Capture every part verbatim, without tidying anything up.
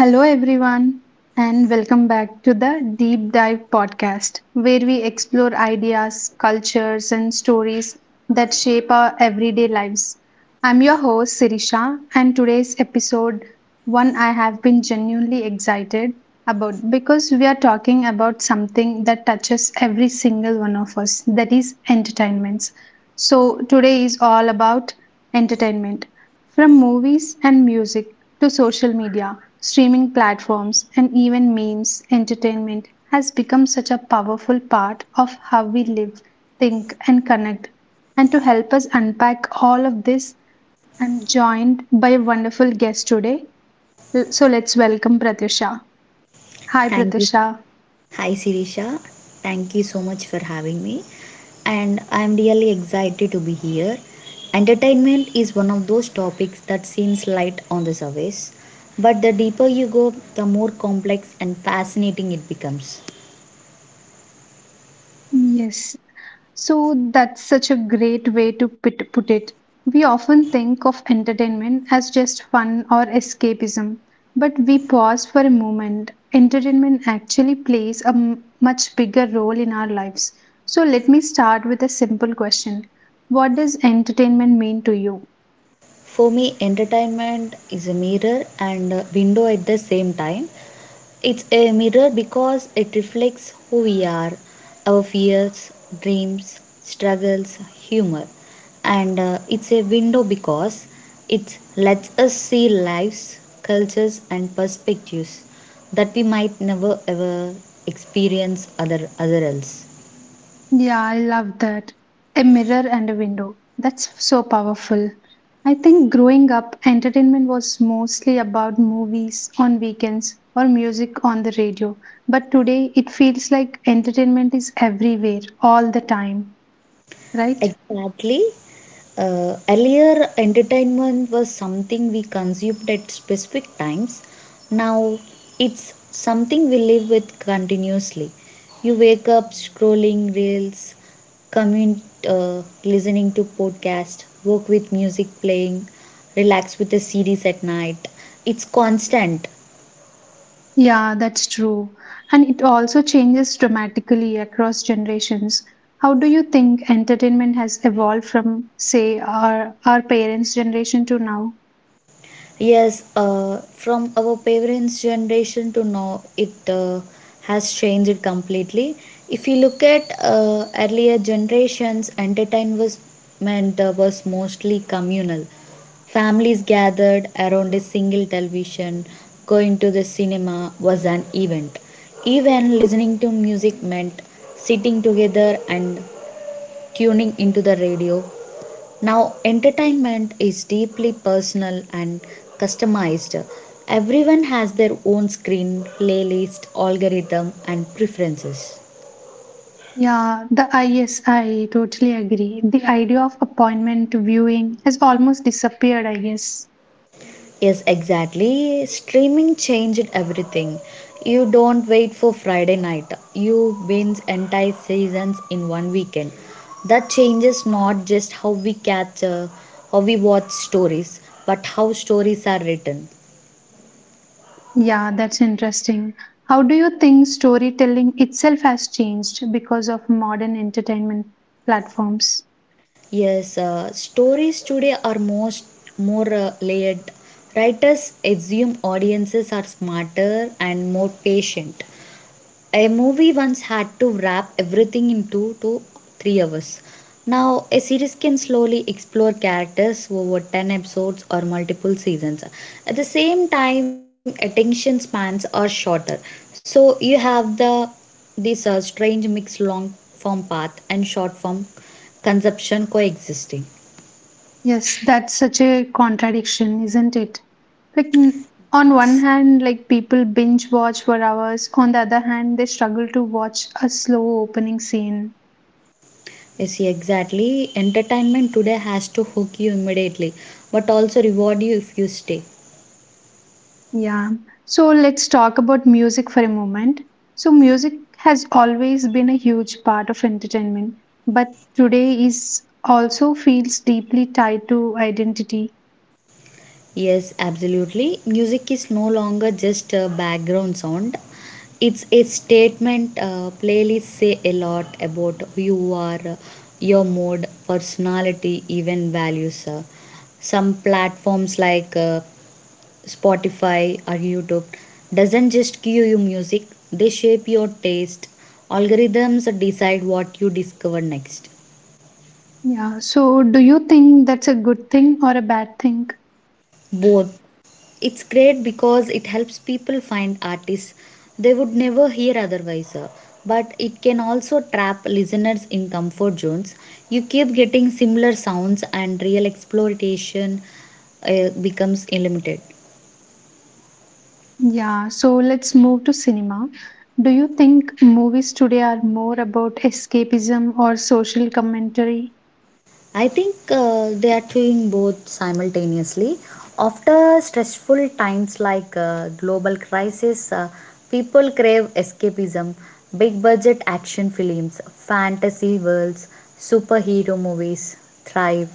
Hello, everyone, and welcome back to the Deep Dive podcast, where we explore ideas, cultures, and stories that shape our everyday lives. I'm your host, Sirisha, and today's episode, one I have been genuinely excited about, because we are talking about something that touches every single one of us, that is, entertainments. So, today is all about entertainment. From movies and music to social media, streaming platforms, and even memes, entertainment has become such a powerful part of how we live, think, and connect. And to help us unpack all of this, I'm joined by a wonderful guest today. L- So let's welcome Pratisha. Hi, Thank you. Pratisha. Hi, Sirisha. Thank you so much for having me. And I'm really excited to be here. Entertainment is one of those topics that seems light on the surface, but the deeper you go, the more complex and fascinating it becomes. Yes, so that's such a great way to put put it. We often think of entertainment as just fun or escapism, but we pause for a moment. Entertainment actually plays a m- much bigger role in our lives. So let me start with a simple question. What does entertainment mean to you? For me, entertainment is a mirror and a window at the same time. It's a mirror because it reflects who we are, our fears, dreams, struggles, humor. And uh, it's a window because it lets us see lives, cultures, and perspectives that we might never ever experience other, other else. Yeah, I love that. A mirror and a window. That's so powerful. I think growing up, entertainment was mostly about movies on weekends or music on the radio. But today, it feels like entertainment is everywhere, all the time, right? Exactly. Uh, earlier, entertainment was something we consumed at specific times. Now, it's something we live with continuously. You wake up scrolling reels, commute uh, listening to podcast, work with music playing, relax with a series at night. It's constant. Yeah, that's true. And it also changes dramatically across generations. How do you think entertainment has evolved from, say, our, our parents' generation to now? Yes, uh, from our parents' generation to now, it uh, has changed completely. If you look at uh, earlier generations, entertainment uh, was mostly communal. Families gathered around a single television, going to the cinema was an event. Even listening to music meant sitting together and tuning into the radio now, entertainment is deeply personal and customized. Everyone has their own screen, playlist, algorithm, and preferences. Yeah, the I yes, I totally agree. The idea of appointment viewing has almost disappeared, I guess. Yes, exactly. Streaming changed everything. You don't wait for Friday night, you binge entire seasons in one weekend. That changes not just how we catch, uh, how we watch stories, but how stories are written. Yeah, that's interesting. How do you think storytelling itself has changed because of modern entertainment platforms? Yes, uh, stories today are most more uh, layered. Writers assume audiences are smarter and more patient. A movie once had to wrap everything in two to three hours. Now, a series can slowly explore characters over ten episodes or multiple seasons. At the same time, attention spans are shorter. So, you have the this uh, strange mix long form path and short form consumption coexisting. Yes, that's such a contradiction, isn't it? Like, n- on one hand, like people binge watch for hours, on the other hand, they struggle to watch a slow opening scene. Yes, yeah, exactly. Entertainment today has to hook you immediately, but also reward you if you stay. Yeah. So let's talk about music for a moment. So music has always been a huge part of entertainment, but today is also feels deeply tied to identity. Yes, absolutely. Music is no longer just a background sound. It's a statement. Uh, playlists say a lot about who you are, uh, your mood, personality, even values. uh. Some platforms like uh, Spotify or YouTube doesn't just give you music, they shape your taste. Algorithms decide what you discover next. Yeah. So do you think that's a good thing or a bad thing? Both. It's great because it helps people find artists they would never hear otherwise, uh, but it can also trap listeners in comfort zones. You keep getting similar sounds, and real exploration uh, becomes limited. Yeah. So let's move to cinema. Do you think movies today are more about escapism or social commentary? I think uh, they are doing both simultaneously. After stressful times like uh, global crisis, uh, people crave escapism, big budget action films, fantasy worlds, superhero movies thrive.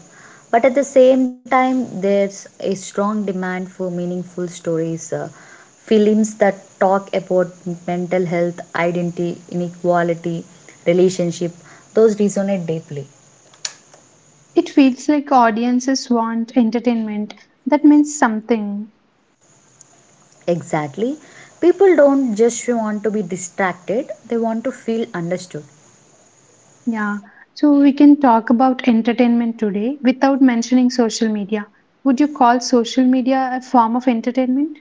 But at the same time, there's a strong demand for meaningful stories, uh, films that talk about mental health, identity, inequality, relationship. Those resonate deeply. It feels like audiences want entertainment that means something. Exactly. People don't just want to be distracted, they want to feel understood. Yeah, so we can talk about entertainment today without mentioning social media. Would you call social media a form of entertainment?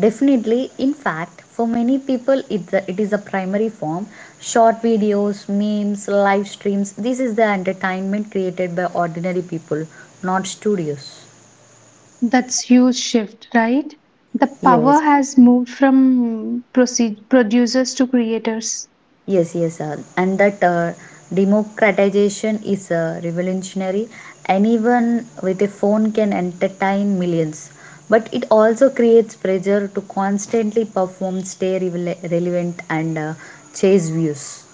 Definitely, in fact, for many people, it it is a primary form. Short videos, memes, live streams, this is the entertainment created by ordinary people, not studios. That's huge shift, right? The power Yes. has moved from proceed producers to creators. Yes, yes, uh, and that uh, democratization is uh, revolutionary. Anyone with a phone can entertain millions, but it also creates pressure to constantly perform, stay rele- relevant, and uh, chase views.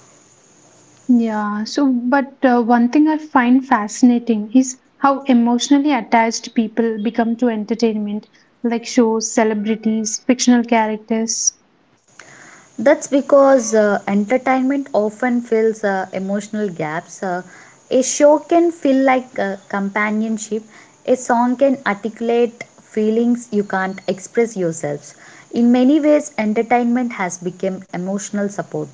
Yeah, so but uh, one thing I find fascinating is how emotionally attached people become to entertainment, like shows, celebrities, fictional characters. That's because uh, entertainment often fills uh, emotional gaps. Uh, a show can feel like uh, companionship. A song can articulate feelings you can't express yourselves. In many ways, entertainment has become emotional support.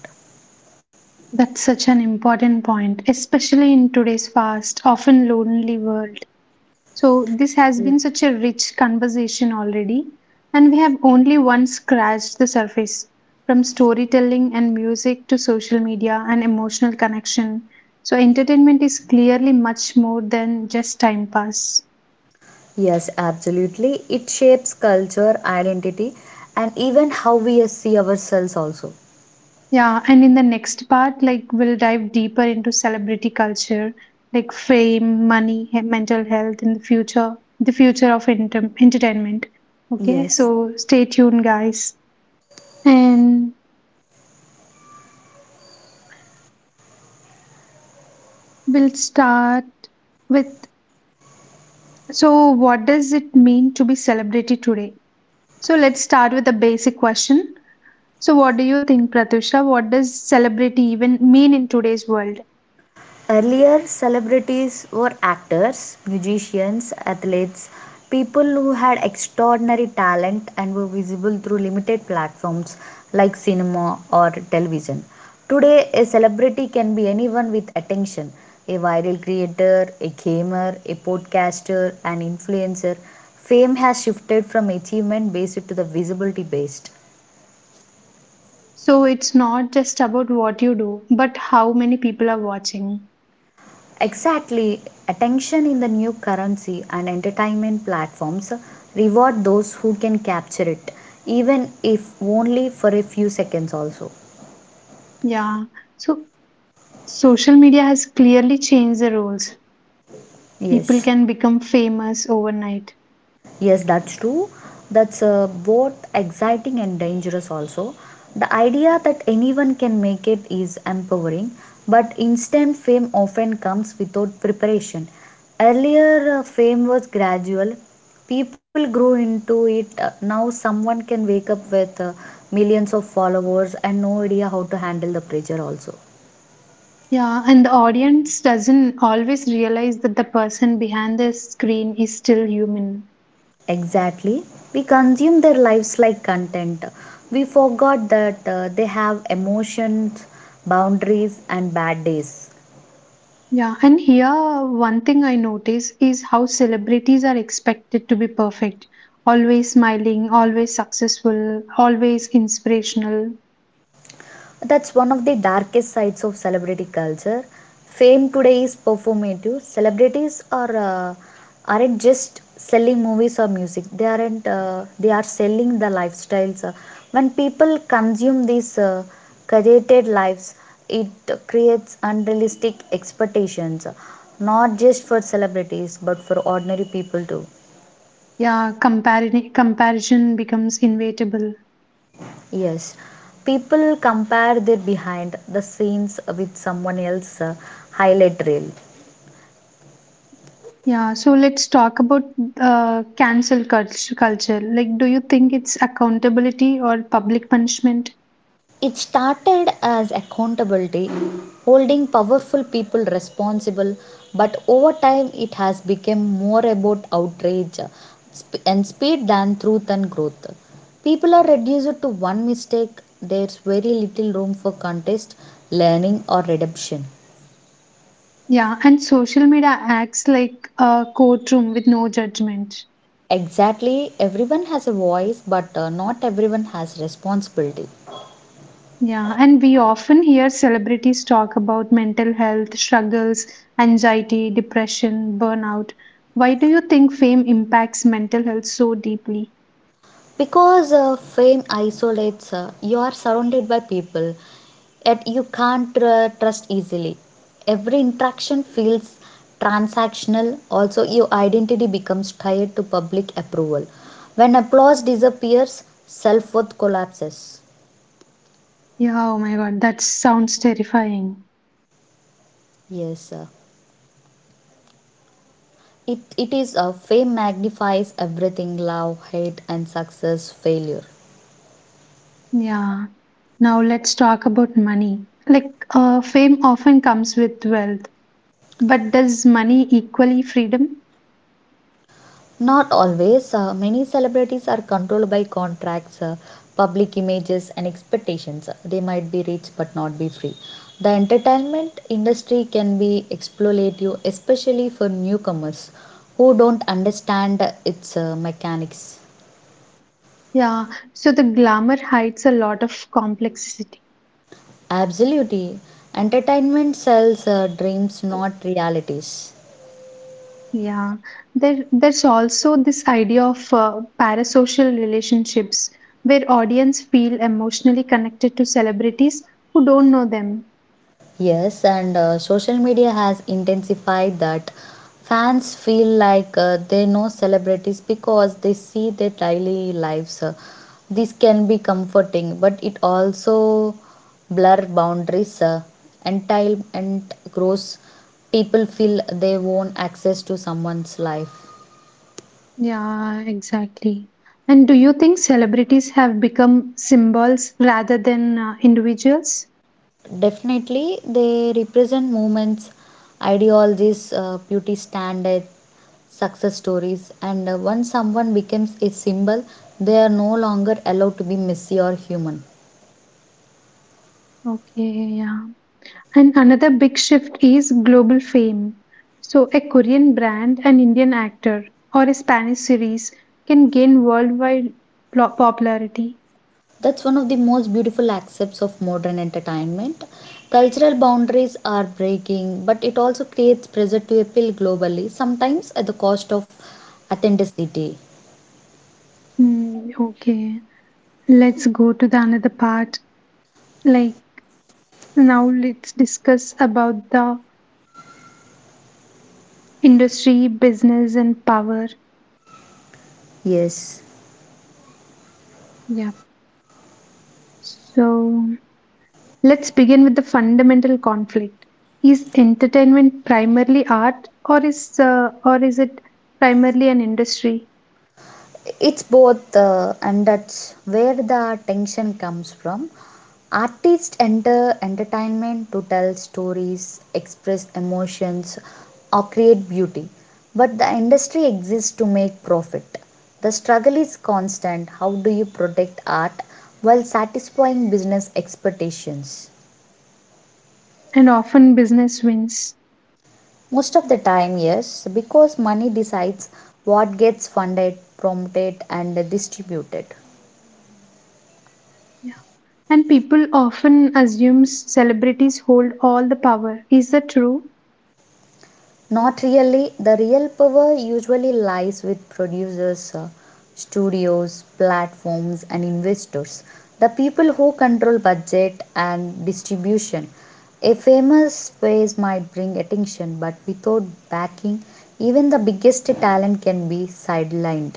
That's such an important point, especially in today's fast, often lonely world. So, this has been such a rich conversation already, and we have only once scratched the surface, from storytelling and music to social media and emotional connection. So, entertainment is clearly much more than just time pass. Yes, absolutely. It shapes culture, identity, and even how we uh, see ourselves, also. Yeah, and in the next part, like we'll dive deeper into celebrity culture, like fame, money, he- mental health in the future, the future of enter- entertainment. Okay, Yes. so stay tuned, guys. And we'll start with, so, what does it mean to be celebrity today? So, let's start with a basic question. So, what do you think, Pratusha? What does celebrity even mean in today's world? Earlier, celebrities were actors, musicians, athletes, people who had extraordinary talent and were visible through limited platforms like cinema or television. Today, a celebrity can be anyone with attention a viral creator, a gamer, a podcaster, an influencer. Fame has shifted from achievement based to the visibility based. So it's not just about what you do, but how many people are watching. Exactly. Attention in the new currency and entertainment platforms reward those who can capture it, even if only for a few seconds, also. Yeah. So social media has clearly changed the rules. People Yes. can become famous overnight. Yes, that's true. That's uh, both exciting and dangerous also. The idea that anyone can make it is empowering, but instant fame often comes without preparation. Earlier, uh, fame was gradual, people grew into it. Uh, now, someone can wake up with uh, millions of followers and no idea how to handle the pressure, also. Yeah, and the audience doesn't always realize that the person behind the screen is still human. Exactly. We consume their lives like content. We forgot that uh, they have emotions, boundaries, and bad days. Yeah, and here one thing I notice is how celebrities are expected to be perfect, always smiling, always successful, always inspirational. That's one of the darkest sides of celebrity culture. Fame today is performative. Celebrities are uh, aren't just selling movies or music. They aren't. Uh, they are selling the lifestyles. Uh, when people consume these uh, curated lives, it creates unrealistic expectations, not just for celebrities but for ordinary people too. Yeah, comparison comparison becomes inevitable. Yes, people compare their behind the scenes with someone else's uh, highlight reel. Yeah, so let's talk about uh, cancel cult- culture. Like, do you think it's accountability or public punishment? It started as accountability, holding powerful people responsible, but over time it has become more about outrage and speed than truth and growth. People are reduced to one mistake, there's very little room for contest, learning, or redemption. Yeah, and social media acts like a courtroom with no judgment. Exactly, everyone has a voice, but uh, not everyone has responsibility. Yeah, and we often hear celebrities talk about mental health struggles, anxiety, depression, burnout. Why do you think fame impacts mental health so deeply? Because uh, fame isolates, uh, you are surrounded by people, yet you can't uh, trust easily. Every interaction feels transactional, also, your identity becomes tied to public approval. When applause disappears, self worth collapses. Yeah, oh my God, that sounds terrifying. Yes, uh, it, it is uh, fame magnifies everything love, hate, and success, failure. Yeah. Now let's talk about money. Like, uh, fame often comes with wealth, but does money equally freedom? Not always. Uh, many celebrities are controlled by contracts, uh, public images, and expectations. They might be rich but not be free. The entertainment industry can be exploitative, especially for newcomers who don't understand its uh, mechanics. Yeah. So the glamour hides a lot of complexity. Absolutely. Entertainment sells uh, dreams, not realities. Yeah. There, there's also this idea of uh, parasocial relationships where audience feel emotionally connected to celebrities who don't know them. Yes, and uh, social media has intensified that. Fans feel like uh, they know celebrities because they see their daily lives. Uh, This can be comforting, but it also blur boundaries uh, entail and grows. People feel they own access to someone's life. Yeah, exactly. And do you think celebrities have become symbols rather than uh, individuals? Definitely, they represent movements, ideologies, uh, beauty standards, success stories, and uh, once someone becomes a symbol, they are no longer allowed to be messy or human. Okay, yeah. And another big shift is global fame. So, a Korean brand, an Indian actor, or a Spanish series can gain worldwide plo- popularity. That's one of the most beautiful aspects of modern entertainment. Cultural boundaries are breaking, but it also creates pressure to appeal globally, sometimes at the cost of authenticity. Hmm, okay, let's go to the another part. Like now, let's discuss about the industry, business, and power. Yes. Yeah. So let's begin with the fundamental conflict. Is entertainment primarily art, or is uh, or is it primarily an industry? it's both uh, and that's where the tension comes from. Artists enter entertainment to tell stories, express emotions, or create beauty, but the industry exists to make profit. The struggle is constant. How do you protect art while satisfying business expectations? And often business wins? Most of the time, yes, because money decides what gets funded, promoted, and distributed. Yeah. And people often assume celebrities hold all the power. Is that true? Not really. The real power usually lies with producers, uh, studios, platforms, and investors. The people who control budget and distribution. A famous face might bring attention, but without backing, even the biggest talent can be sidelined.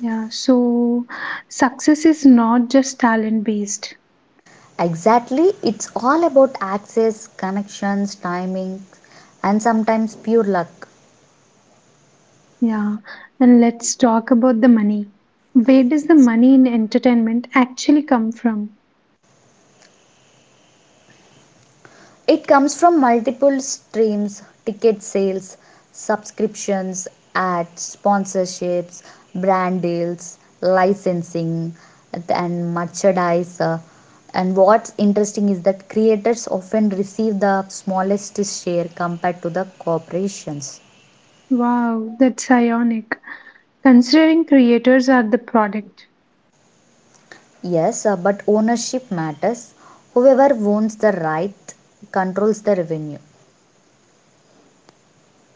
Yeah, so success is not just talent based. Exactly, it's all about access, connections, timing, and sometimes pure luck. Yeah. And let's talk about the money. Where does the money in entertainment actually come from? It comes from multiple streams ticket sales, subscriptions, ads, sponsorships, brand deals, licensing, and merchandise. uh, And what's interesting is that creators often receive the smallest share compared to the corporations. Wow, that's ionic. Considering creators are the product, Yes, uh, but ownership matters. Whoever owns the right controls the revenue.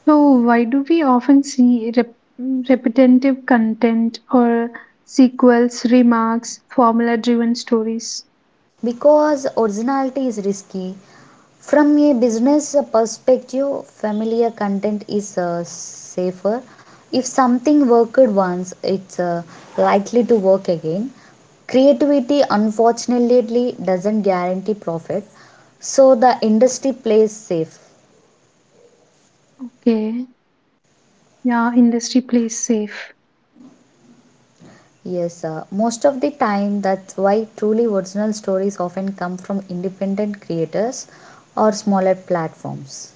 so why do we often see rep- repetitive content or sequels, remarks, formula driven stories? Because originality is risky. From a business perspective, familiar content is uh, safer. If something worked once, it's uh, likely to work again. Creativity, unfortunately, doesn't guarantee profit, so the industry plays safe. Okay, yeah, industry plays safe. Yes, uh, most of the time, that's why truly original stories often come from independent creators or smaller platforms.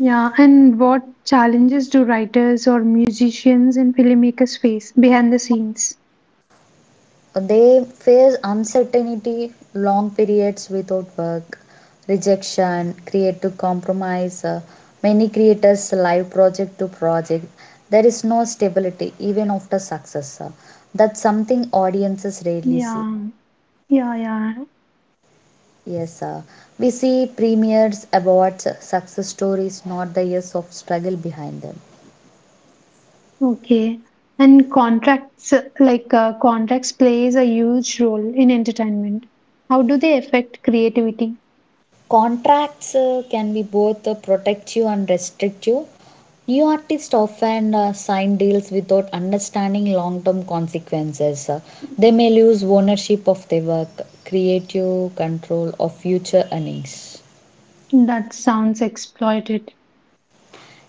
Yeah, and what challenges do writers or musicians and filmmakers face behind the scenes? They face uncertainty, long periods without work, rejection, creative compromise. uh, Many creators live project to project. There is no stability even after success. uh, That's something audiences rarely see. Yeah, yeah, yeah. Yes, uh, we see premiers, awards, uh, success stories, not the years of struggle behind them. Okay. And contracts, uh, like uh, contracts, plays a huge role in entertainment. How do they affect creativity? Contracts uh, can be both uh, protective and restrictive. New artists often uh, sign deals without understanding long term consequences. Uh, They may lose ownership of their work, creative control of future earnings. That sounds exploited.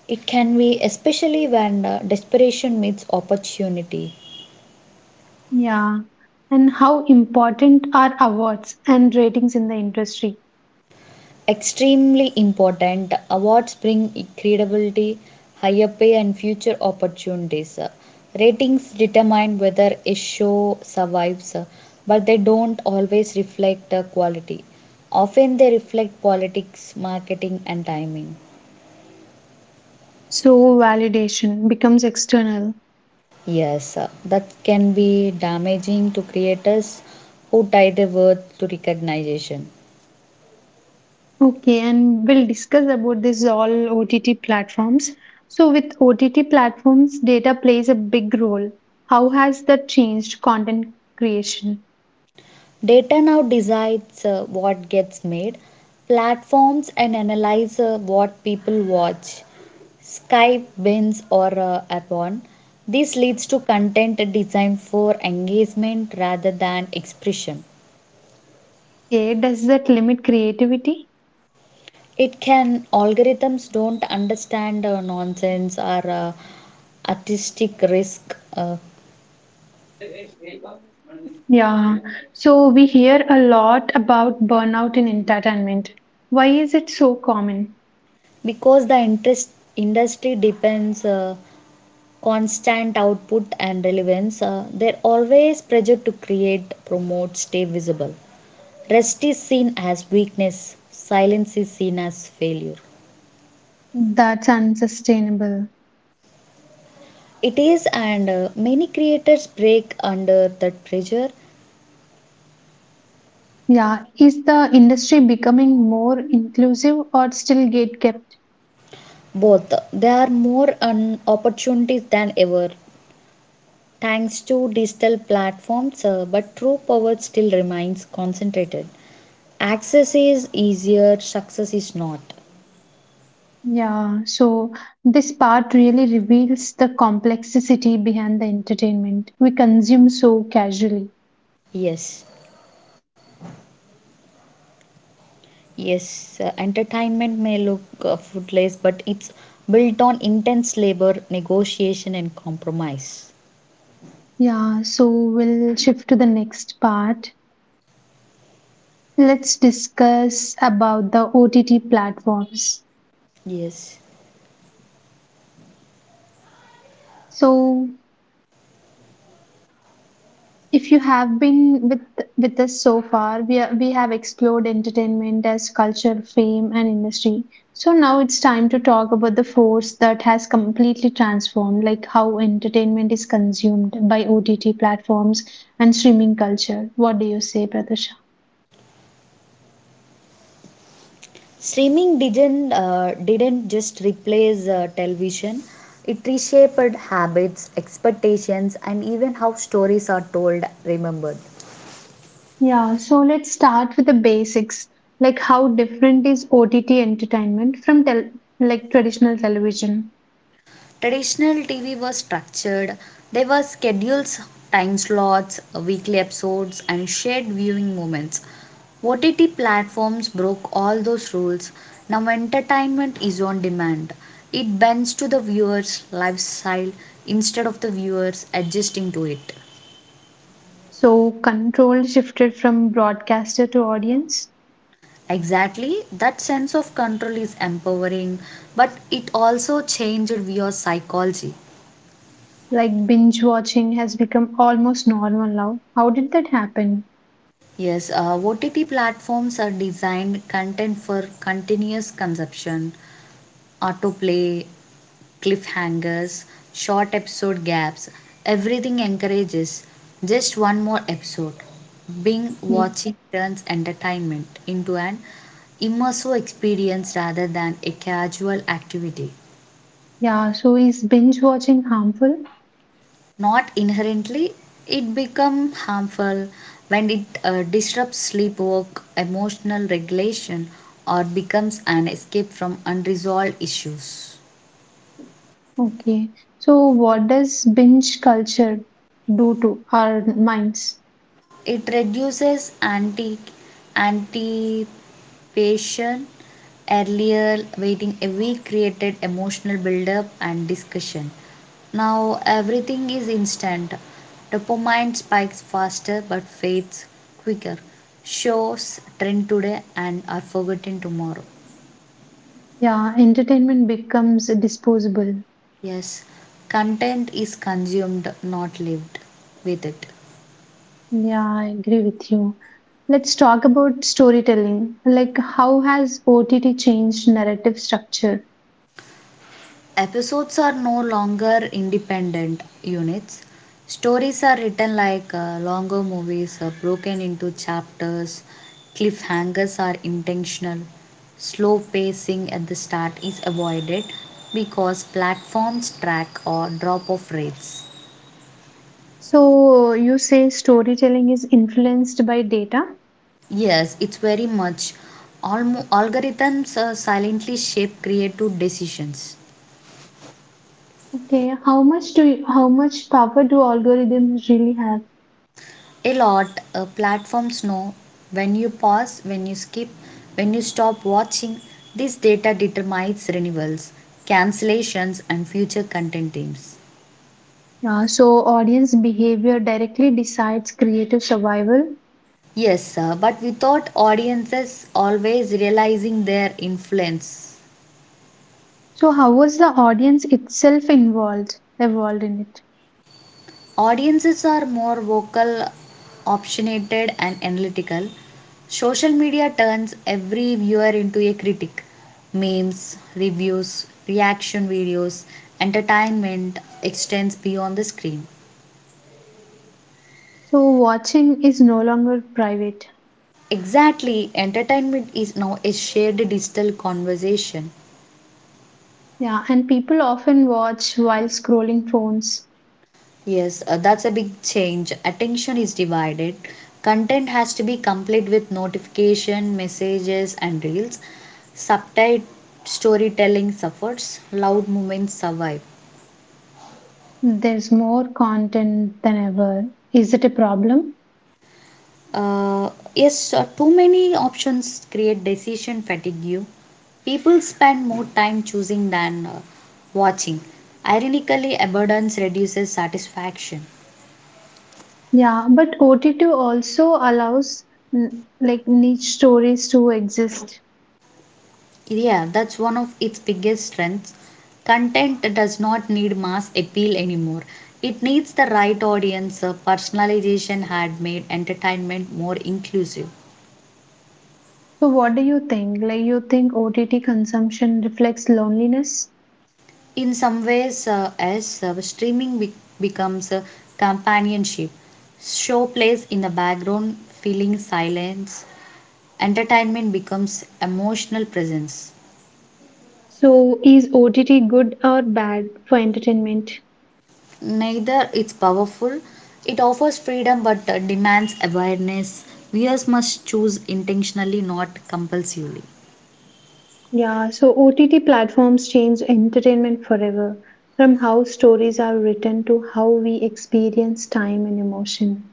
It can be especially when uh, desperation meets opportunity. Yeah. And how important are awards and ratings in the industry? Extremely important. Awards bring credibility, higher pay, and future opportunities. Ratings determine whether a show survives, but they don't always reflect quality. Often they reflect politics, marketing, and timing. So validation becomes external. Yes, that can be damaging to creators who tie their worth to recognition. Okay, and we'll discuss about this all O T T platforms. So with O T T platforms, data plays a big role. How has that changed content creation? Data now decides uh, what gets made, platforms and analyze uh, what people watch, Skype bins or uh, upon. This leads to content designed for engagement rather than expression. Okay, does that limit creativity? It can algorithms don't understand uh, nonsense or uh, artistic risk uh, Yeah. So we hear a lot about burnout in entertainment. Why is it so common? Because the interest industry depends uh, constant output and relevance, uh, are always pressured to create, promote, stay visible. Rest is seen as weakness, silence is seen as failure. That's unsustainable. It is, and uh, many creators break under that pressure. Yeah. Is the industry becoming more inclusive or still gatekept? Both there are more um, opportunities than ever thanks to digital platforms, uh, but true power still remains concentrated. Access is easier, success is not. Yeah. So this part really reveals the complexity behind the entertainment we consume so casually. Yes. Yes, uh, entertainment may look uh, fruitless, but it's built on intense labor, negotiation, and compromise. Yeah. So we'll shift to the next part. Let's discuss about the O T T platforms. Yes. So, if you have been with with us so far, we are, we have explored entertainment as culture, fame, and industry. So now it's time to talk about the force that has completely transformed, like how entertainment is consumed by O T T platforms and streaming culture. What do you say, Pradesh? Streaming didn't, uh, didn't just replace uh, television, it reshaped habits, expectations, and even how stories are told, remembered. Yeah, so let's start with the basics. Like how different is O T T entertainment from tel- like traditional television? Traditional T V was structured. There were schedules, time slots, weekly episodes, and shared viewing moments. O T T platforms broke all those rules. Now entertainment is on demand. It bends to the viewer's lifestyle instead of the viewers adjusting to it. So control shifted from broadcaster to audience. Exactly, that sense of control is empowering, but it also changed viewer psychology. Like binge watching has become almost normal now. How did that happen? Yes, uh, O T T platforms are designed content for continuous consumption, autoplay, cliffhangers, short episode gaps. Everything encourages just one more episode. Being Y- watching turns entertainment into an immersive experience rather than a casual activity. Yeah, so is binge watching harmful? Not inherently, it become harmful when it uh, disrupts sleep, work, emotional regulation, or becomes an escape from unresolved issues. Okay. So what does binge culture do to our minds? It reduces anti Anticipation. Earlier, waiting a week created emotional build-up and discussion. Now everything is instant. Dopamine spikes faster but fades quicker. Shows trend today and are forgotten tomorrow. Yeah, entertainment becomes disposable. Yes, content is consumed, not lived with it. Yeah, I agree with you. Let's talk about storytelling. Like, how has O T T changed narrative structure? Episodes are no longer independent units. Stories are written like uh, longer movies, uh, broken into chapters. Cliffhangers are intentional. Slow pacing at the start is avoided because platforms track or drop off rates. So, you say storytelling is influenced by data. Yes, it's very much. Almo- algorithms uh, silently shape creative decisions. Okay, how much do you, how much power do algorithms really have? A lot, uh, platforms know when you pause, when you skip, when you stop watching. This data determines renewals, cancellations, and future content themes. Yeah, so audience behavior directly decides creative survival. Yes sir, but without audiences always realizing their influence. So, how was the audience itself involved, involved in it? Audiences are more vocal, opinionated, and analytical. Social media turns every viewer into a critic. Memes, reviews, reaction videos, entertainment extends beyond the screen. So, watching is no longer private. Exactly, entertainment is now a shared digital conversation. Yeah, and people often watch while scrolling phones. Yes, uh, that's a big change. Attention is divided. Content has to be complete with notification, messages, and reels. Subtitle storytelling suffers. Loud movements survive. There's more content than ever. Is it a problem? Uh, yes, uh, too many options create decision fatigue. People spend more time choosing than uh, watching. Ironically, abundance reduces satisfaction. Yeah, but O T T also allows mm, like niche stories to exist. Yeah, that's one of its biggest strengths. Content does not need mass appeal anymore. It needs the right audience. Uh, personalization had made entertainment more inclusive. So what do you think? Like you think O T T consumption reflects loneliness? In some ways, uh, as uh, streaming be- becomes a companionship, show plays in the background, filling silence. Entertainment becomes emotional presence. So is O T T good or bad for entertainment? Neither, is powerful. It offers freedom but uh, demands awareness. Viewers must choose intentionally, not compulsively. Yeah, so O T T platforms change entertainment forever, from how stories are written to how we experience time and emotion.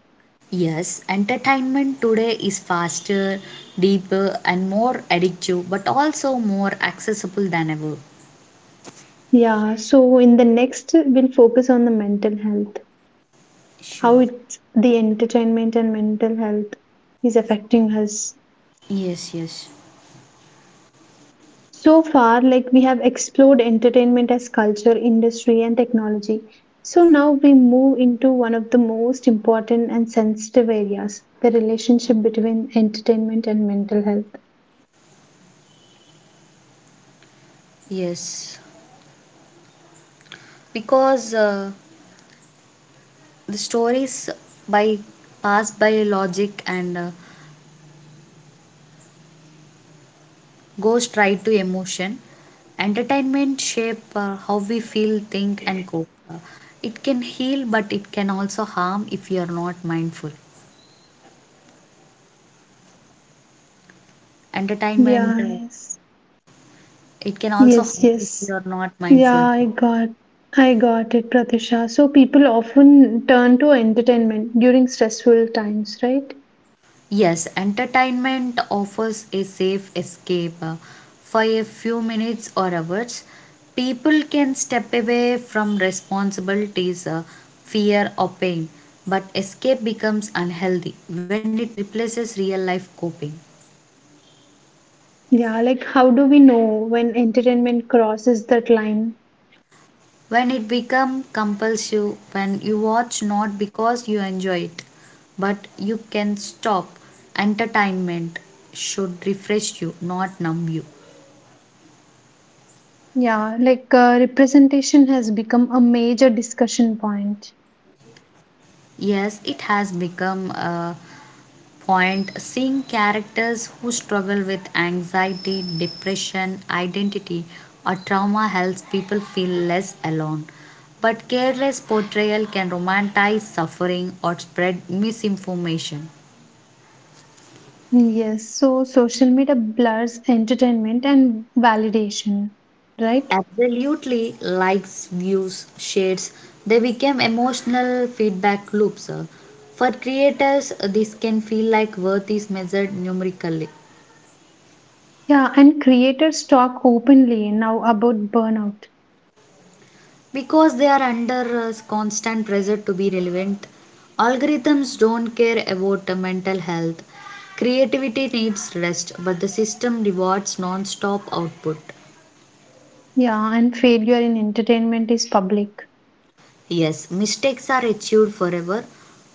Yes, entertainment today is faster, deeper, and more addictive, but also more accessible than ever. Yeah, so in the next, we'll focus on the mental health, how Sure. it's the entertainment and mental health is affecting us. Yes, yes, So far, like we have explored entertainment as culture, industry, and technology. So now we move into one of the most important and sensitive areas, the relationship between entertainment and mental health. yes. Because uh, the stories by pass by logic and uh, goes straight to emotion. Entertainment shape uh, how we feel, think, and cope. Uh, It can heal, but it can also harm if you are not mindful. Entertainment, Yeah, uh, yes. it can also Yes, harm if yes. you are not Yeah, mindful. I got I got it, Pratisha. So people often turn to entertainment during stressful times, right? Yes, entertainment offers a safe escape. uh, For a few minutes or hours, people can step away from responsibilities, uh, fear, or pain. But escape becomes unhealthy when it replaces real life coping. Yeah, like how do we know when entertainment crosses that line? When it becomes compulsive, when you watch not because you enjoy it, but you can stop. Entertainment should refresh you, not numb you. Yeah, like uh, representation has become a major discussion point. Yes, it has become. Uh, point, seeing characters who struggle with anxiety, depression, identity, or trauma helps people feel less alone. But careless portrayal can romanticize suffering or spread misinformation. Mm, yes, so social media blurs entertainment and validation, right? Absolutely, likes, views, shares, they become emotional feedback loops. For creators, this can feel like worth is measured numerically. Yeah, and creators talk openly now about burnout. Because they are under uh, constant pressure to be relevant. Algorithms don't care about uh, mental health. Creativity needs rest, but the system rewards non-stop output. Yeah, and failure in entertainment is public. Yes, mistakes are achieved forever.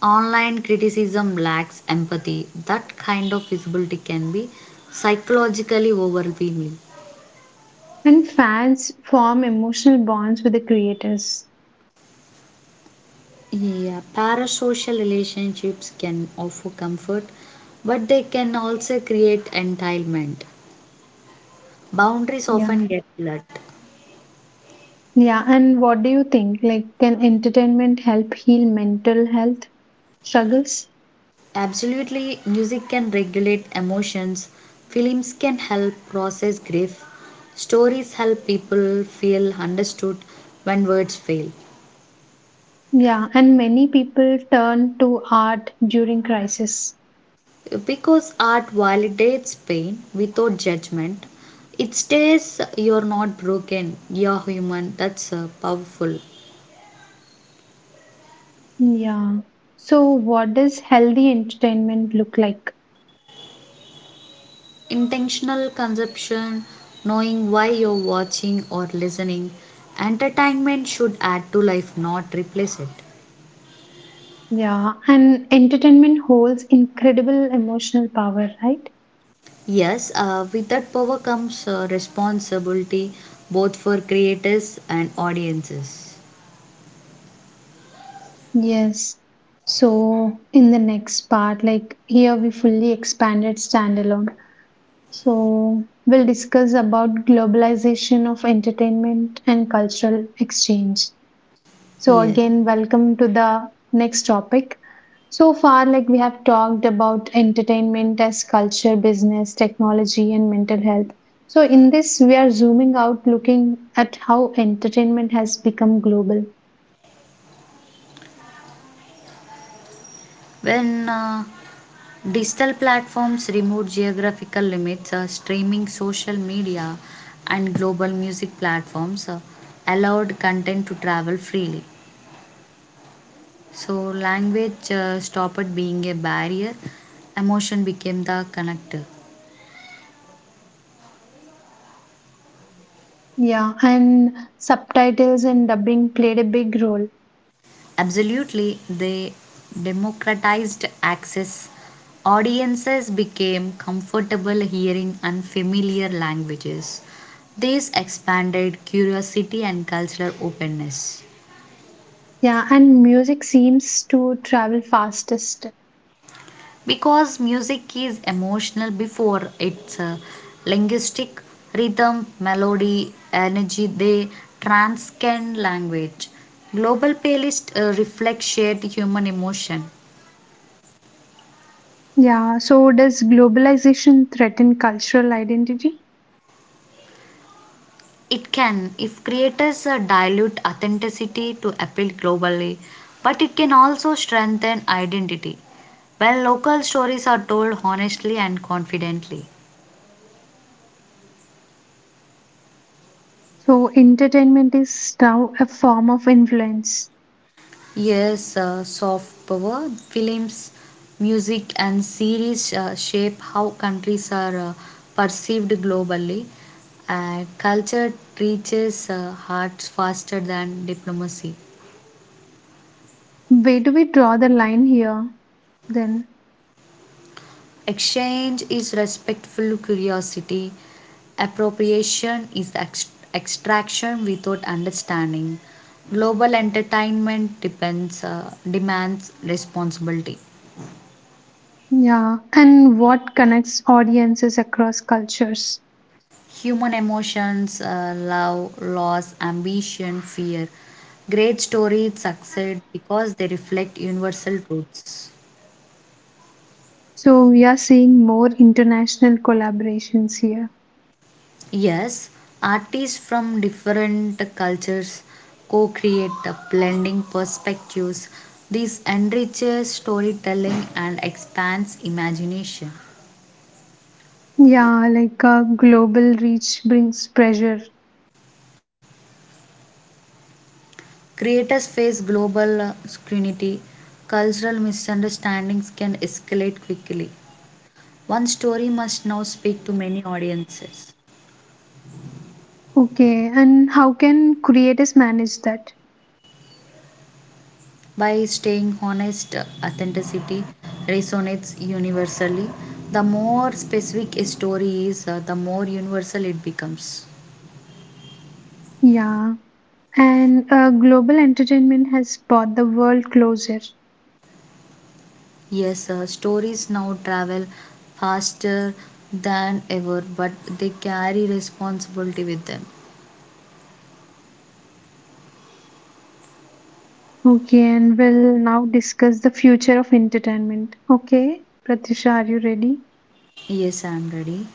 Online criticism lacks empathy. That kind of visibility can be psychologically overwhelming. And fans form emotional bonds with the creators. Yeah, parasocial relationships can offer comfort, but they can also create entitlement. Boundaries Yeah. often get blurred. Yeah. And what do you think? Like, can entertainment help heal mental health struggles? Absolutely, music can regulate emotions, films can help process grief, stories help people feel understood when words fail. Yeah. And many people turn to art during crisis. Because art validates pain without judgment, it states you're not broken, you're human. That's uh, powerful. Yeah. So, what does healthy entertainment look like? Intentional consumption, knowing why you're watching or listening, entertainment should add to life, not replace it. Yeah. And entertainment holds incredible emotional power, right? Yes, uh, with that power comes uh, responsibility both for creators and audiences. Yes. So in the next part, like here we fully expanded standalone. So we'll discuss about globalization of entertainment and cultural exchange. So Here, again, welcome to the next topic. So far, like we have talked about entertainment as culture, business, technology, and mental health. So in this, we are zooming out, looking at how entertainment has become global. when uh, digital platforms remove geographical limits, uh, streaming, social media, and global music platforms uh, allowed content to travel freely. So, language uh, stopped being a barrier, emotion became the connector. Yeah, and subtitles and dubbing played a big role. Absolutely, they democratized access. Audiences became comfortable hearing unfamiliar languages. This expanded curiosity and cultural openness. Yeah, and music seems to travel fastest. Because music is emotional before its uh, linguistic. Rhythm, melody, energy, they transcend language. Global playlist uh, reflect shared human emotion. Yeah, so does globalization threaten cultural identity? It can, if creators uh, dilute authenticity to appeal globally, but it can also strengthen identity when local stories are told honestly and confidently. So entertainment is now a form of influence. Yes, uh, soft power, films, music, and series uh, shape how countries are uh, perceived globally. Uh, culture reaches uh, hearts faster than diplomacy. Where do we draw the line here then? Exchange is respectful curiosity. Appropriation is ex- extraction without understanding. Global entertainment depends, uh, demands responsibility. Yeah, and what connects audiences across cultures? Human emotions, uh, love, loss, ambition, fear. Great stories succeed because they reflect universal truths. So we are seeing more international collaborations here. Yes, artists from different cultures co create, blending perspectives. This enriches storytelling and expands imagination. Yeah, like a global reach brings pressure. Creators face global uh, scrutiny. Cultural misunderstandings can escalate quickly. One story must now speak to many audiences. Okay, and how can creators manage that? By staying honest, authenticity resonates universally. The more specific a story is, uh, the more universal it becomes. Yeah, and uh, global entertainment has brought the world closer. Yes, uh, stories now travel faster than ever, but they carry responsibility with them. Okay, and we'll now discuss the future of entertainment. Okay, Pratisha, are you ready? Yes, I am ready.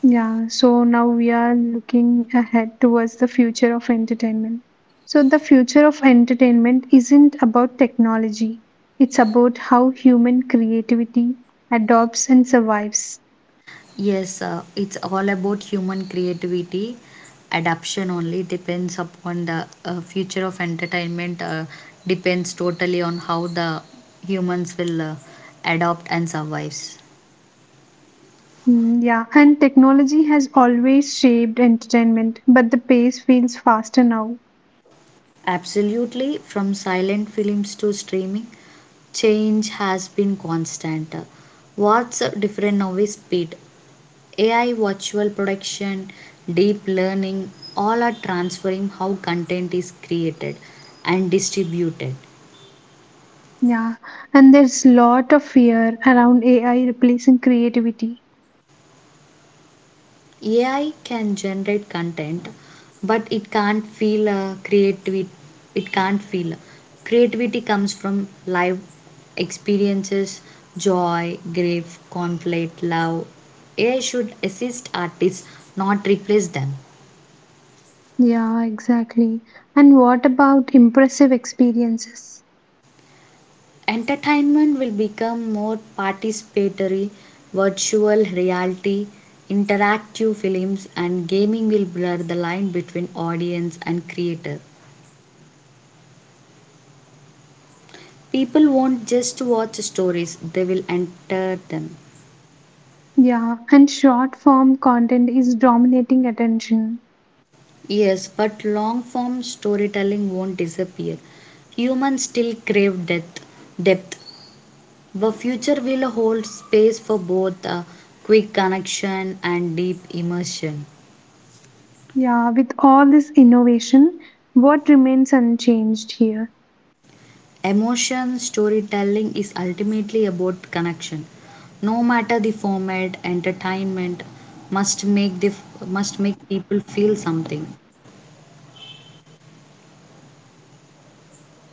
Yeah, so now we are looking ahead towards the future of entertainment. So, the future of entertainment isn't about technology, it's about how human creativity adopts and survives. Yes, uh, it's all about human creativity. Adaption only depends upon the uh, future of entertainment, uh, depends totally on how the humans will uh, adopt and survives. Mm, yeah, and technology has always shaped entertainment, but the pace feels faster now. Absolutely, from silent films to streaming, change has been constant. What's different now is speed. A I, virtual production, deep learning, all are transferring how content is created and distributed. Yeah, and there's lot of fear around A I replacing creativity. A I can generate content, but it can't feel uh, creativity. It can't feel Creativity comes from live experiences, joy, grief, conflict, love. A I should assist artists, not replace them. Yeah, exactly. And what about impressive experiences? Entertainment will become more participatory, virtual reality, interactive films, and gaming will blur the line between audience and creator. People won't just watch stories, they will enter them. Yeah, and short form content is dominating attention. Yes, but long form storytelling won't disappear. Humans still crave depth. depth. The future will hold space for both uh, quick connection and deep immersion. Yeah, with all this innovation, what remains unchanged here, Emotion storytelling is ultimately about connection. No matter the format, entertainment must make the must make people feel something.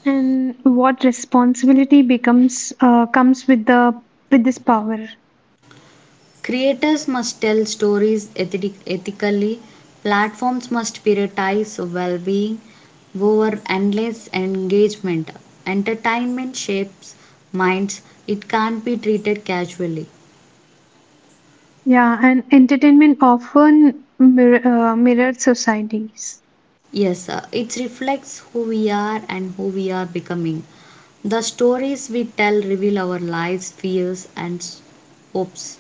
and what responsibility becomes uh, comes with the with this power? Creators must tell stories ethi- ethically, platforms must prioritize well being over endless engagement. Entertainment shapes minds, it can't be treated casually. Yeah, and entertainment often mir- uh, mirrored societies. Yes, uh, it reflects who we are and who we are becoming. The stories we tell reveal our lives, fears, and s- hopes.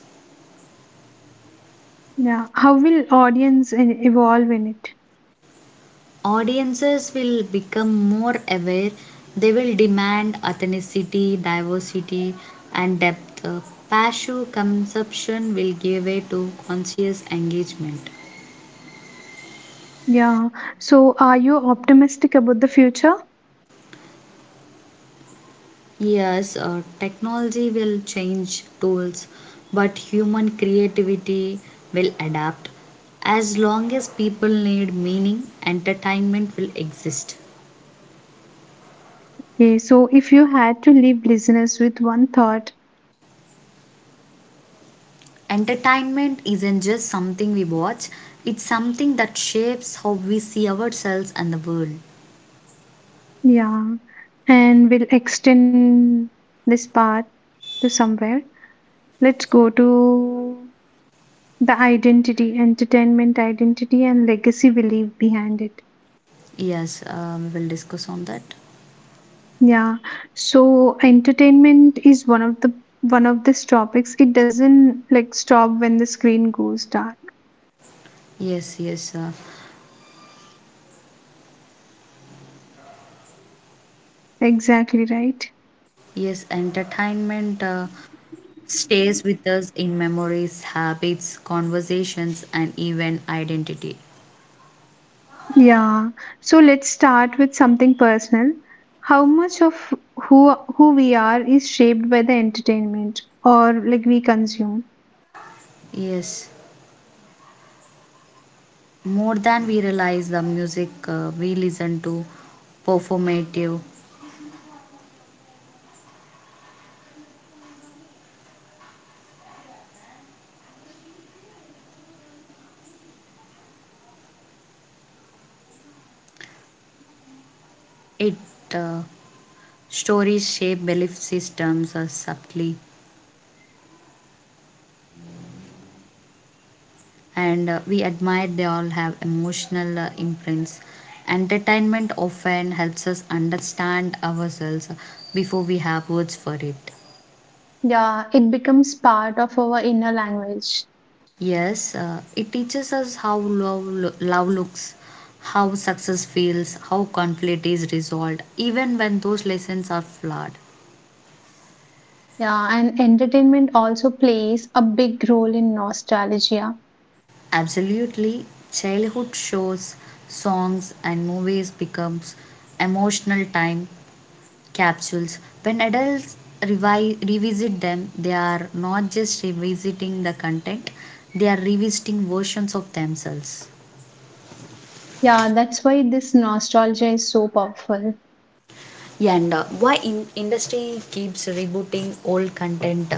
Yeah, how will audience e- evolve in it? Audiences will become more aware. They will demand authenticity, diversity, and depth. Uh, passive consumption will give way to conscious engagement. Yeah, so are you optimistic about the future? Yes, uh, technology will change tools, but human creativity will adapt. As long as people need meaning, entertainment will exist. Okay, so if you had to leave listeners with one thought. Entertainment isn't just something we watch, it's something that shapes how we see ourselves and the world. Yeah, and we'll extend this part to somewhere. Let's go to the identity, entertainment identity, and legacy we leave behind it. Yes, uh, we will discuss on that. Yeah, so entertainment is one of the one of these topics. It doesn't like stop when the screen goes dark. Yes, yes, uh, Exactly right. yes, entertainment uh, stays with us in memories, habits, conversations, and even identity. Yeah. So let's start with something personal. How much of who who we are is shaped by the entertainment or like we consume? Yes, more than we realize, the music uh, we listen to, performative, it uh, stories shape belief systems uh, subtly. And uh, we admire, they all have emotional uh, imprints. Entertainment often helps us understand ourselves before we have words for it. Yeah, it becomes part of our inner language. Yes, uh, it teaches us how love, lo- love looks, how success feels, how conflict is resolved, even when those lessons are flawed. Yeah, and entertainment also plays a big role in nostalgia. Absolutely, childhood shows, songs, and movies becomes emotional time capsules. When adults revi- revisit them, they are not just revisiting the content, they are revisiting versions of themselves. Yeah, that's why this nostalgia is so powerful. And uh, why in- industry keeps rebooting old content?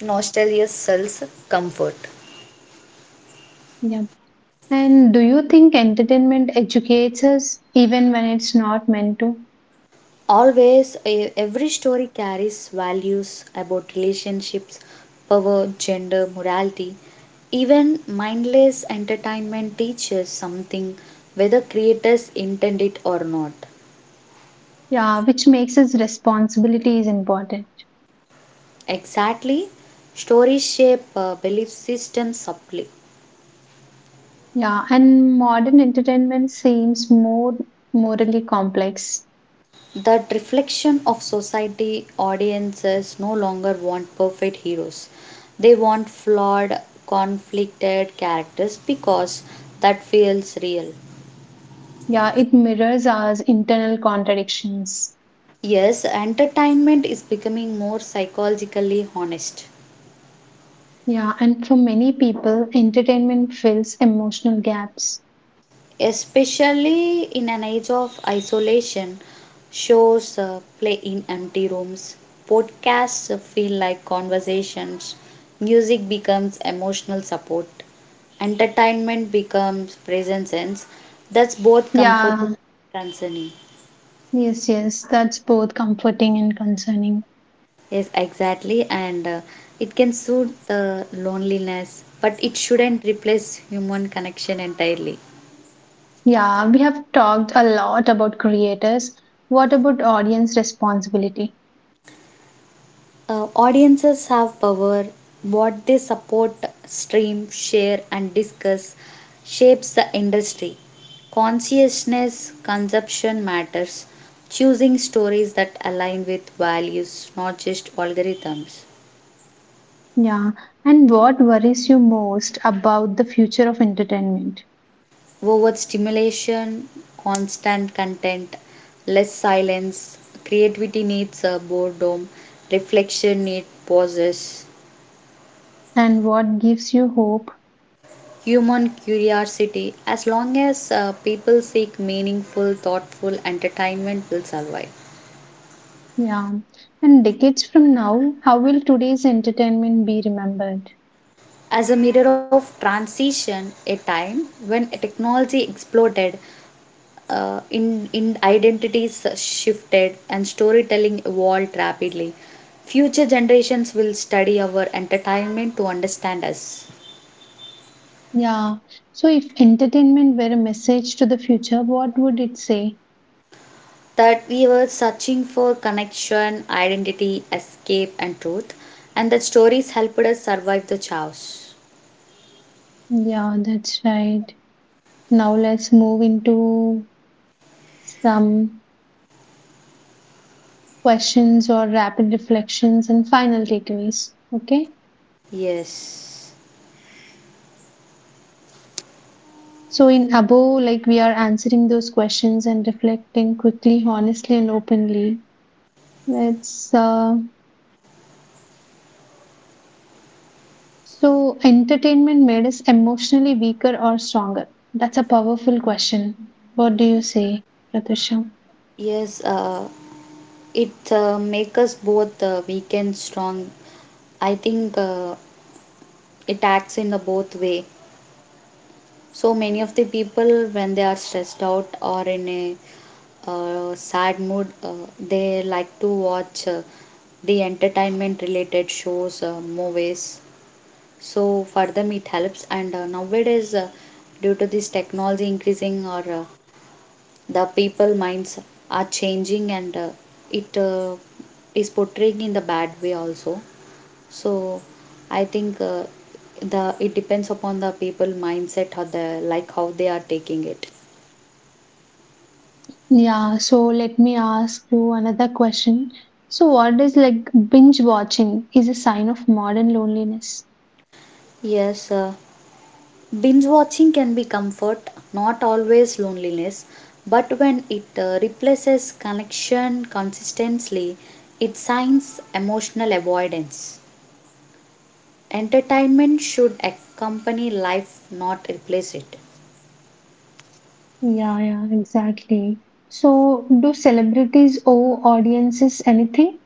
Nostalgia sells comfort. Yeah. And do you think entertainment educates us even when it's not meant to? Always, e- every story carries values about relationships, power, gender, morality. Even mindless entertainment teaches something, whether creators intend it or not. Yeah, which makes its responsibility is important. Exactly. Stories shape uh, belief systems subtly. Yeah, and modern entertainment seems more morally complex. That reflection of society, audiences no longer want perfect heroes. They want flawed, conflicted characters because that feels real. Yeah, it mirrors our internal contradictions. Yes, entertainment is becoming more psychologically honest. Yeah, and for many people, entertainment fills emotional gaps. Especially in an age of isolation, shows uh, play in empty rooms, podcasts feel like conversations, music becomes emotional support, entertainment becomes present sense. That's both comforting Yeah, and concerning. yes, yes, that's both comforting and concerning. Yes exactly, and uh, it can soothe the loneliness, but it shouldn't replace human connection entirely. Yeah, we have talked a lot about creators. What about audience responsibility? Uh, audiences have power. What they support, stream, share, and discuss shapes the industry. Consciousness consumption matters. Choosing stories that align with values, not just algorithms. Yeah, and what worries you most about the future of entertainment? Over stimulation, constant content, less silence. Creativity needs uh, boredom. Reflection needs pauses. And what gives you hope? Human curiosity, as long as uh, people seek meaningful, thoughtful entertainment, will survive. Yeah, and decades from now, how will today's entertainment be remembered? As a mirror of transition, a time when technology exploded, uh, in, in identities shifted, and storytelling evolved rapidly, future generations will study our entertainment to understand us. Yeah, so if entertainment were a message to the future, what would it say? That we were searching for connection, identity, escape, and truth, and that stories helped us survive the chaos. Yeah, that's right. Now let's move into some questions or rapid reflections and final takeaways. Okay, Yes, so in above, like we are answering those questions and reflecting quickly, honestly, and openly. Let's uh, So, entertainment made us emotionally weaker or stronger? That's a powerful question. What do you say, Pratusha? yes, uh, it uh, make us both uh, weak and strong. I think uh, it acts in the both way. So many of the people, when they are stressed out or in a uh, sad mood, uh, they like to watch uh, the entertainment related shows, uh, movies. So for them, it helps. And uh, nowadays, uh, due to this technology increasing or uh, the people minds are changing and uh, it uh, is portraying in the bad way also, so i think uh, the it depends upon the people mindset, how the, like how they are taking it. Yeah, so let me ask you another question. So, what is like binge watching is a sign of modern loneliness? Yes, uh, binge watching can be comfort, not always loneliness, but when it uh, replaces connection consistently, it signs emotional avoidance. Entertainment should accompany life, not replace it. Yeah, yeah, exactly. So, do celebrities owe audiences anything?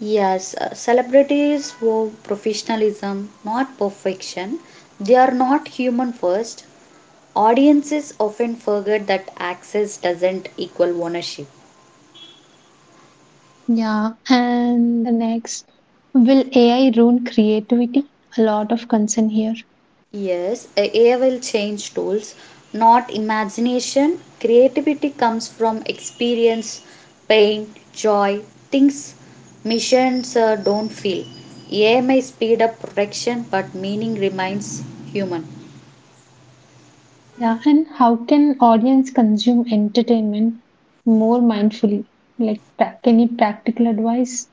Yes, uh, celebrities vow professionalism, not perfection. They are not human first. Audiences often forget that access doesn't equal ownership. Yeah, and the next, will A I ruin creativity? A lot of concern here. Yes, uh, A I will change tools, not imagination. Creativity comes from experience, pain, joy, things missions uh, don't feel. A I may speed up production, but meaning remains human. Yeah, and how can audience consume entertainment more mindfully? Like, pra- any practical advice?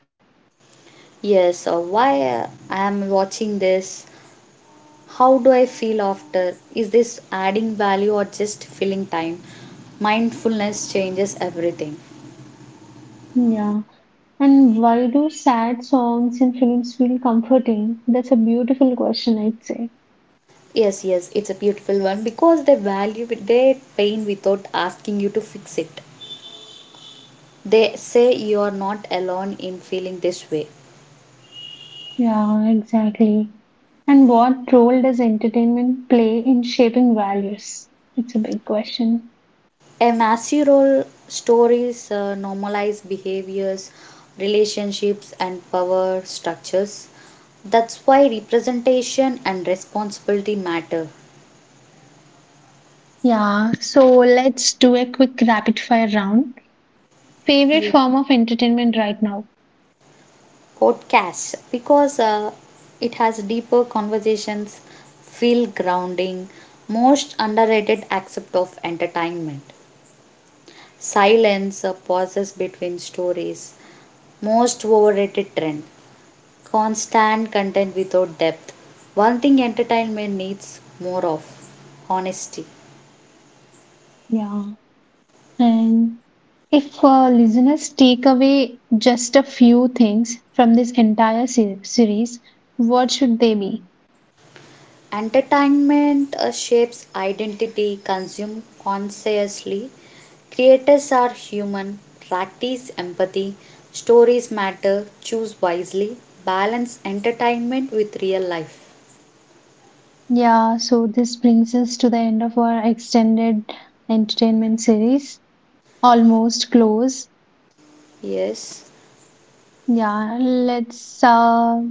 Yes, or why uh, I am watching this? How do I feel after? Is this adding value or just filling time? Mindfulness changes everything. Yeah. And why do sad songs in films feel comforting? That's a beautiful question, I'd say. Yes, yes, it's a beautiful one because they value their pain without asking you to fix it. They say you are not alone in feeling this way. Yeah, exactly. And what role does entertainment play in shaping values? It's a big question. A massive role, stories uh, normalize behaviors, relationships, and power structures. That's why representation and responsibility matter. Yeah, so let's do a quick rapid fire round. Favorite Yeah. form of entertainment right now? Podcast, because uh, it has deeper conversations, feel grounding. Most underrated aspect of entertainment: silence, uh, pauses between stories. Most overrated trend: constant content without depth. One thing entertainment needs more of: honesty. Yeah. And if uh, listeners take away just a few things from this entire se- series, what should they be? Entertainment uh, shapes identity, consume consciously. Creators are human, practice empathy, stories matter, choose wisely, balance entertainment with real life. Yeah, so this brings us to the end of our extended entertainment series, almost close. Yes, Yeah, let's uh,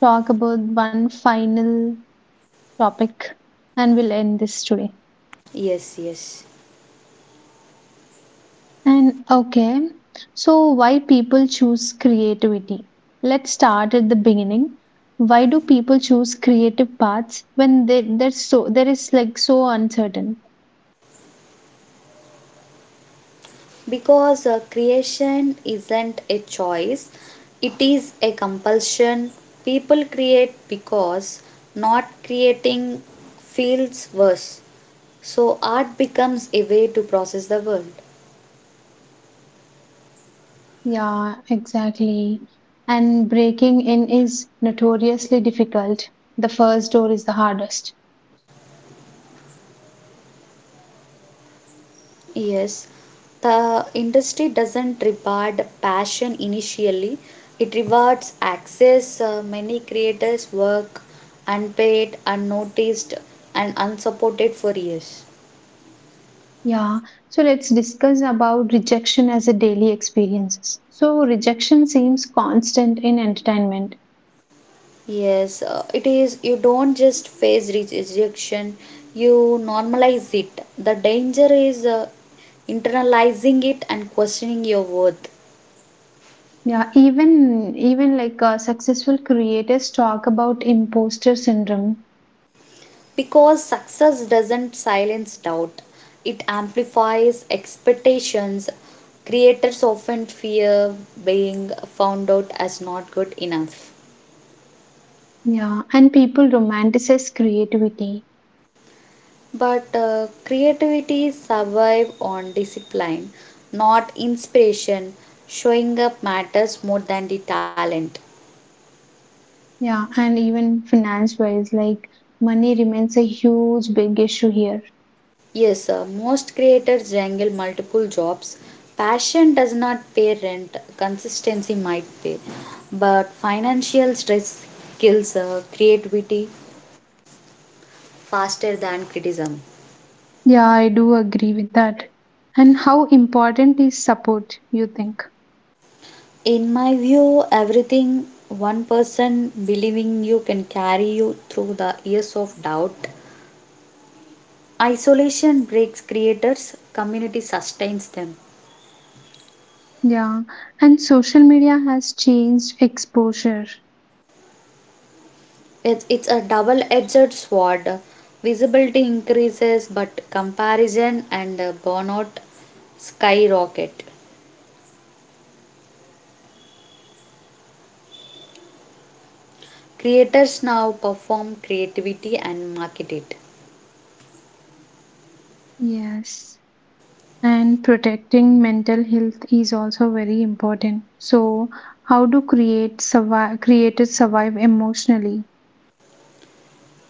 talk about one final topic and we'll end this today. yes, yes. And okay, so why people choose creativity? Let's start at the beginning. Why do people choose creative paths when they they're so there is like so uncertain? Because uh, creation isn't a choice, it is a compulsion. People create because not creating feels worse. So art becomes a way to process the world. Yeah, exactly. And breaking in is notoriously difficult. The first door is the hardest. Yes, the industry doesn't reward passion initially, it rewards access. Uh, many creators work unpaid, unnoticed, and unsupported for years. Yeah. So let's discuss about rejection as a daily experiences. So rejection seems constant in entertainment. Yes, uh, it is. You don't just face re- rejection, you normalize it. The danger is uh, internalizing it and questioning your worth. Yeah, even even like uh, successful creators talk about imposter syndrome. Because success doesn't silence doubt, it amplifies expectations. Creators often fear being found out as not good enough. Yeah, and people romanticize creativity. But uh, creativity survive on discipline, not inspiration. Showing up matters more than the talent. Yeah, and even finance wise, like money remains a huge big issue here. Yes, sir, most creators juggle multiple jobs. Passion does not pay rent, consistency might pay. But financial stress kills uh, creativity faster than criticism. Yeah, I do agree with that. And how important is support, you think? In my view, everything, one person believing you can carry you through the years of doubt. Isolation breaks creators, community sustains them. Yeah, and social media has changed exposure. It's, it's a double edged sword. Visibility increases, but comparison and uh, burnout skyrocket. Creators now perform creativity and market it. Yes. And protecting mental health is also very important. So how do create survive creators survive emotionally?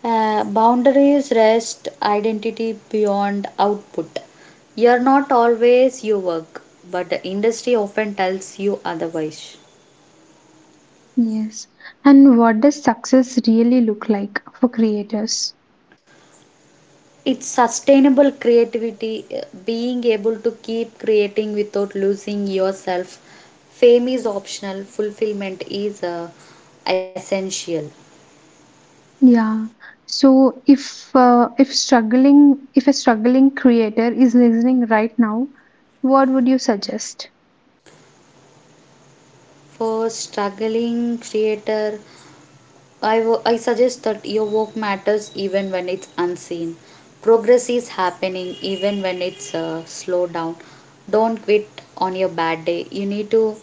Uh, boundaries, rest, identity beyond output. You're not always your work, but the industry often tells you otherwise. Yes. And what does success really look like for creators? It's sustainable creativity, uh, being able to keep creating without losing yourself. Fame is optional, fulfillment is uh, essential. Yeah, so if uh, if struggling if a struggling creator is listening right now, what would you suggest? For struggling creator, I wo- I suggest that your work matters even when it's unseen. Progress is happening even when it's uh, slow down. Don't quit. On your bad day you need to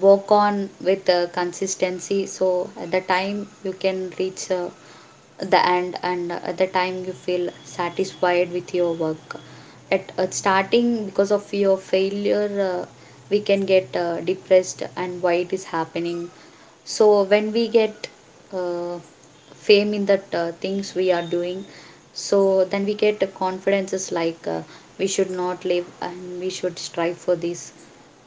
work on with uh, consistency, so at the time you can reach uh, the end and at the time you feel satisfied with your work. At, at starting, because of your failure, uh, we can get uh, depressed, and why it is happening. So when we get uh, fame in that uh, things we are doing, so then we get uh, confidences, like uh, we should not live and we should strive for this.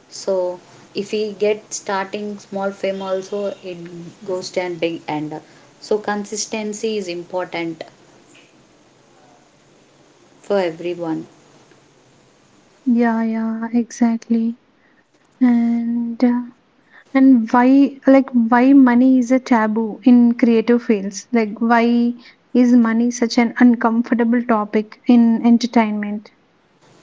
So if we get starting small fame also, it goes to and big and so consistency is important for everyone. Yeah, yeah, exactly. and uh, And why, like, why money is a taboo in creative fields? Like, why is money such an uncomfortable topic in entertainment?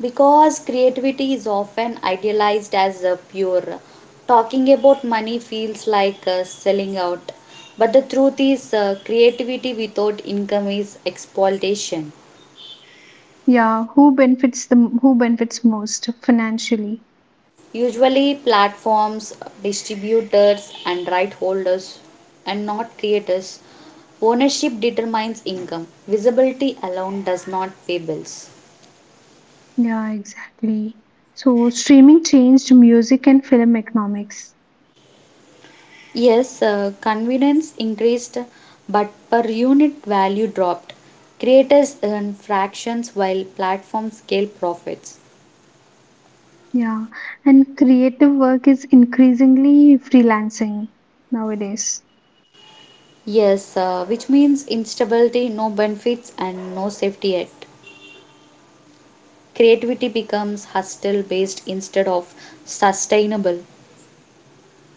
Because creativity is often idealized as a pure, talking about money feels like uh, selling out. But the truth is uh, creativity without income is exploitation. Yeah, who benefits the who benefits most financially? Usually platforms, distributors, and right holders, and not creators. Ownership determines income. Visibility alone does not pay bills. Yeah, exactly. So streaming changed music and film economics. Yes, uh, convenience increased, but per unit value dropped. Creators earn fractions while platforms scale profits. Yeah, and creative work is increasingly freelancing nowadays. Yes, uh, which means instability, no benefits, and no safety yet. Creativity becomes hostile based instead of sustainable.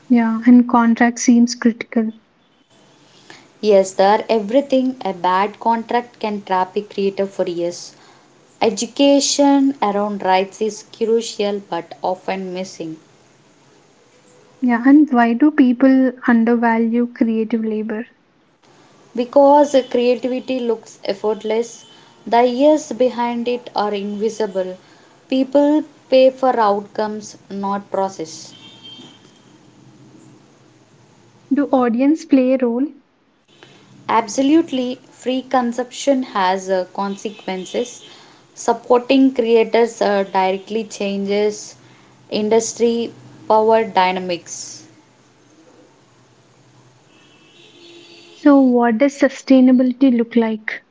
Yeah, and contract seems critical. Yes, there everything, a bad contract can trap a creator for years. Education around rights is crucial but often missing. Yeah, and why do people undervalue creative labor? Because creativity looks effortless. The years behind it are invisible. People pay for outcomes, not process. Do audience play a role? Absolutely, free consumption has uh, consequences. Supporting creators uh, directly changes industry power dynamics. So, what does sustainability look like?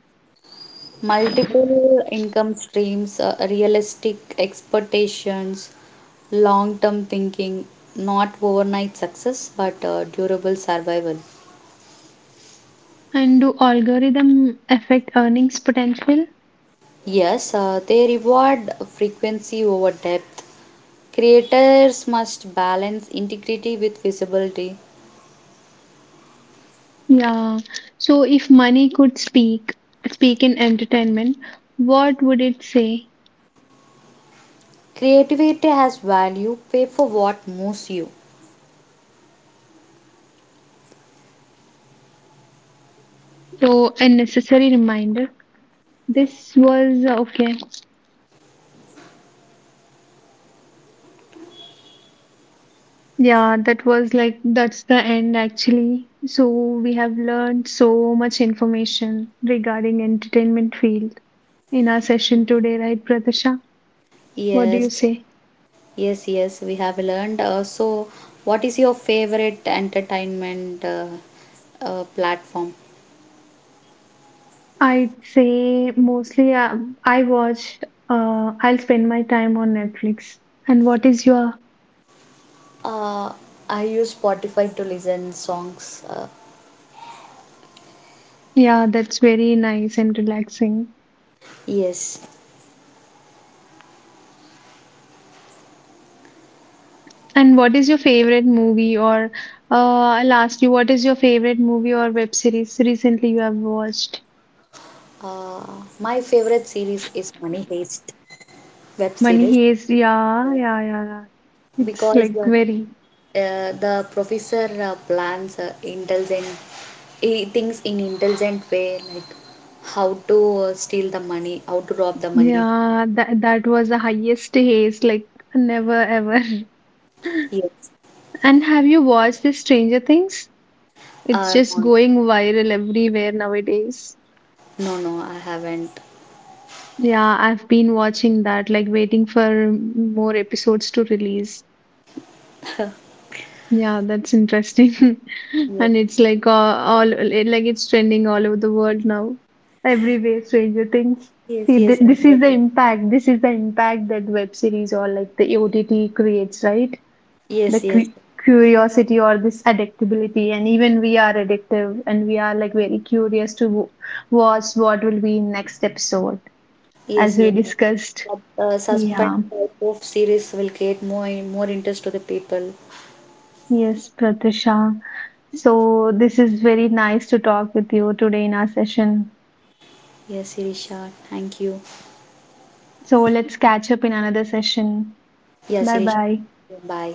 Multiple income streams, uh, realistic expectations, long term thinking, not overnight success but uh, durable survival. And do algorithm affect earnings potential? Yes, uh, they reward frequency over depth. Creators must balance integrity with visibility. Yeah. So, if money could speak, speak in entertainment, what would it say? Creativity has value, pay for what moves you. So, a necessary reminder. This was uh, okay. Yeah, that was like that's the end actually. So, we have learned so much information regarding entertainment field in our session today, right, Pratasha? What do you Yes, say? yes, yes, we have learned. Uh, so, what is your favorite entertainment uh, uh, platform? I'd say mostly uh, I watch, uh, I'll spend my time on Netflix. And what is your, Uh, I use Spotify to listen songs. Uh, yeah, that's very nice and relaxing. yes. And what is your favorite movie or uh, I'll ask you, what is your favorite movie or web series recently you have watched? Uh, my favorite series is Money Heist web Money series Heist, yeah, yeah, yeah, yeah. It's because uh, like very, uh, the professor uh, plans uh, intelligent, he thinks in intelligent way, like how to uh, steal the money, how to rob the money. yeah, that, that was the highest haste, like never ever. Yes. And have you watched the Stranger Things? It's Uh, just No, going viral everywhere nowadays. no, no, I haven't. Yeah, I've been watching that, like waiting for more episodes to release. Yeah, that's interesting. Yes, And it's like uh, all like it's trending all over the world now. Everywhere, Stranger Things. yes, See, th yes, I this is heard the it. impact. This is the impact that web series or like the O T T creates, right? The Yes, yes. cu- curiosity or this addictability, and even we are addictive and we are like very curious to w- watch what will be next episode as Yes, we yes. discussed. But uh, suspense Yeah, type of series will get more more interest to the people. yes, Pratisha. So this is very nice to talk with you today in our session. Yes, Sirisha. Thank you. So let's catch up in another session. Yes, Bye Sirisha. bye. Bye.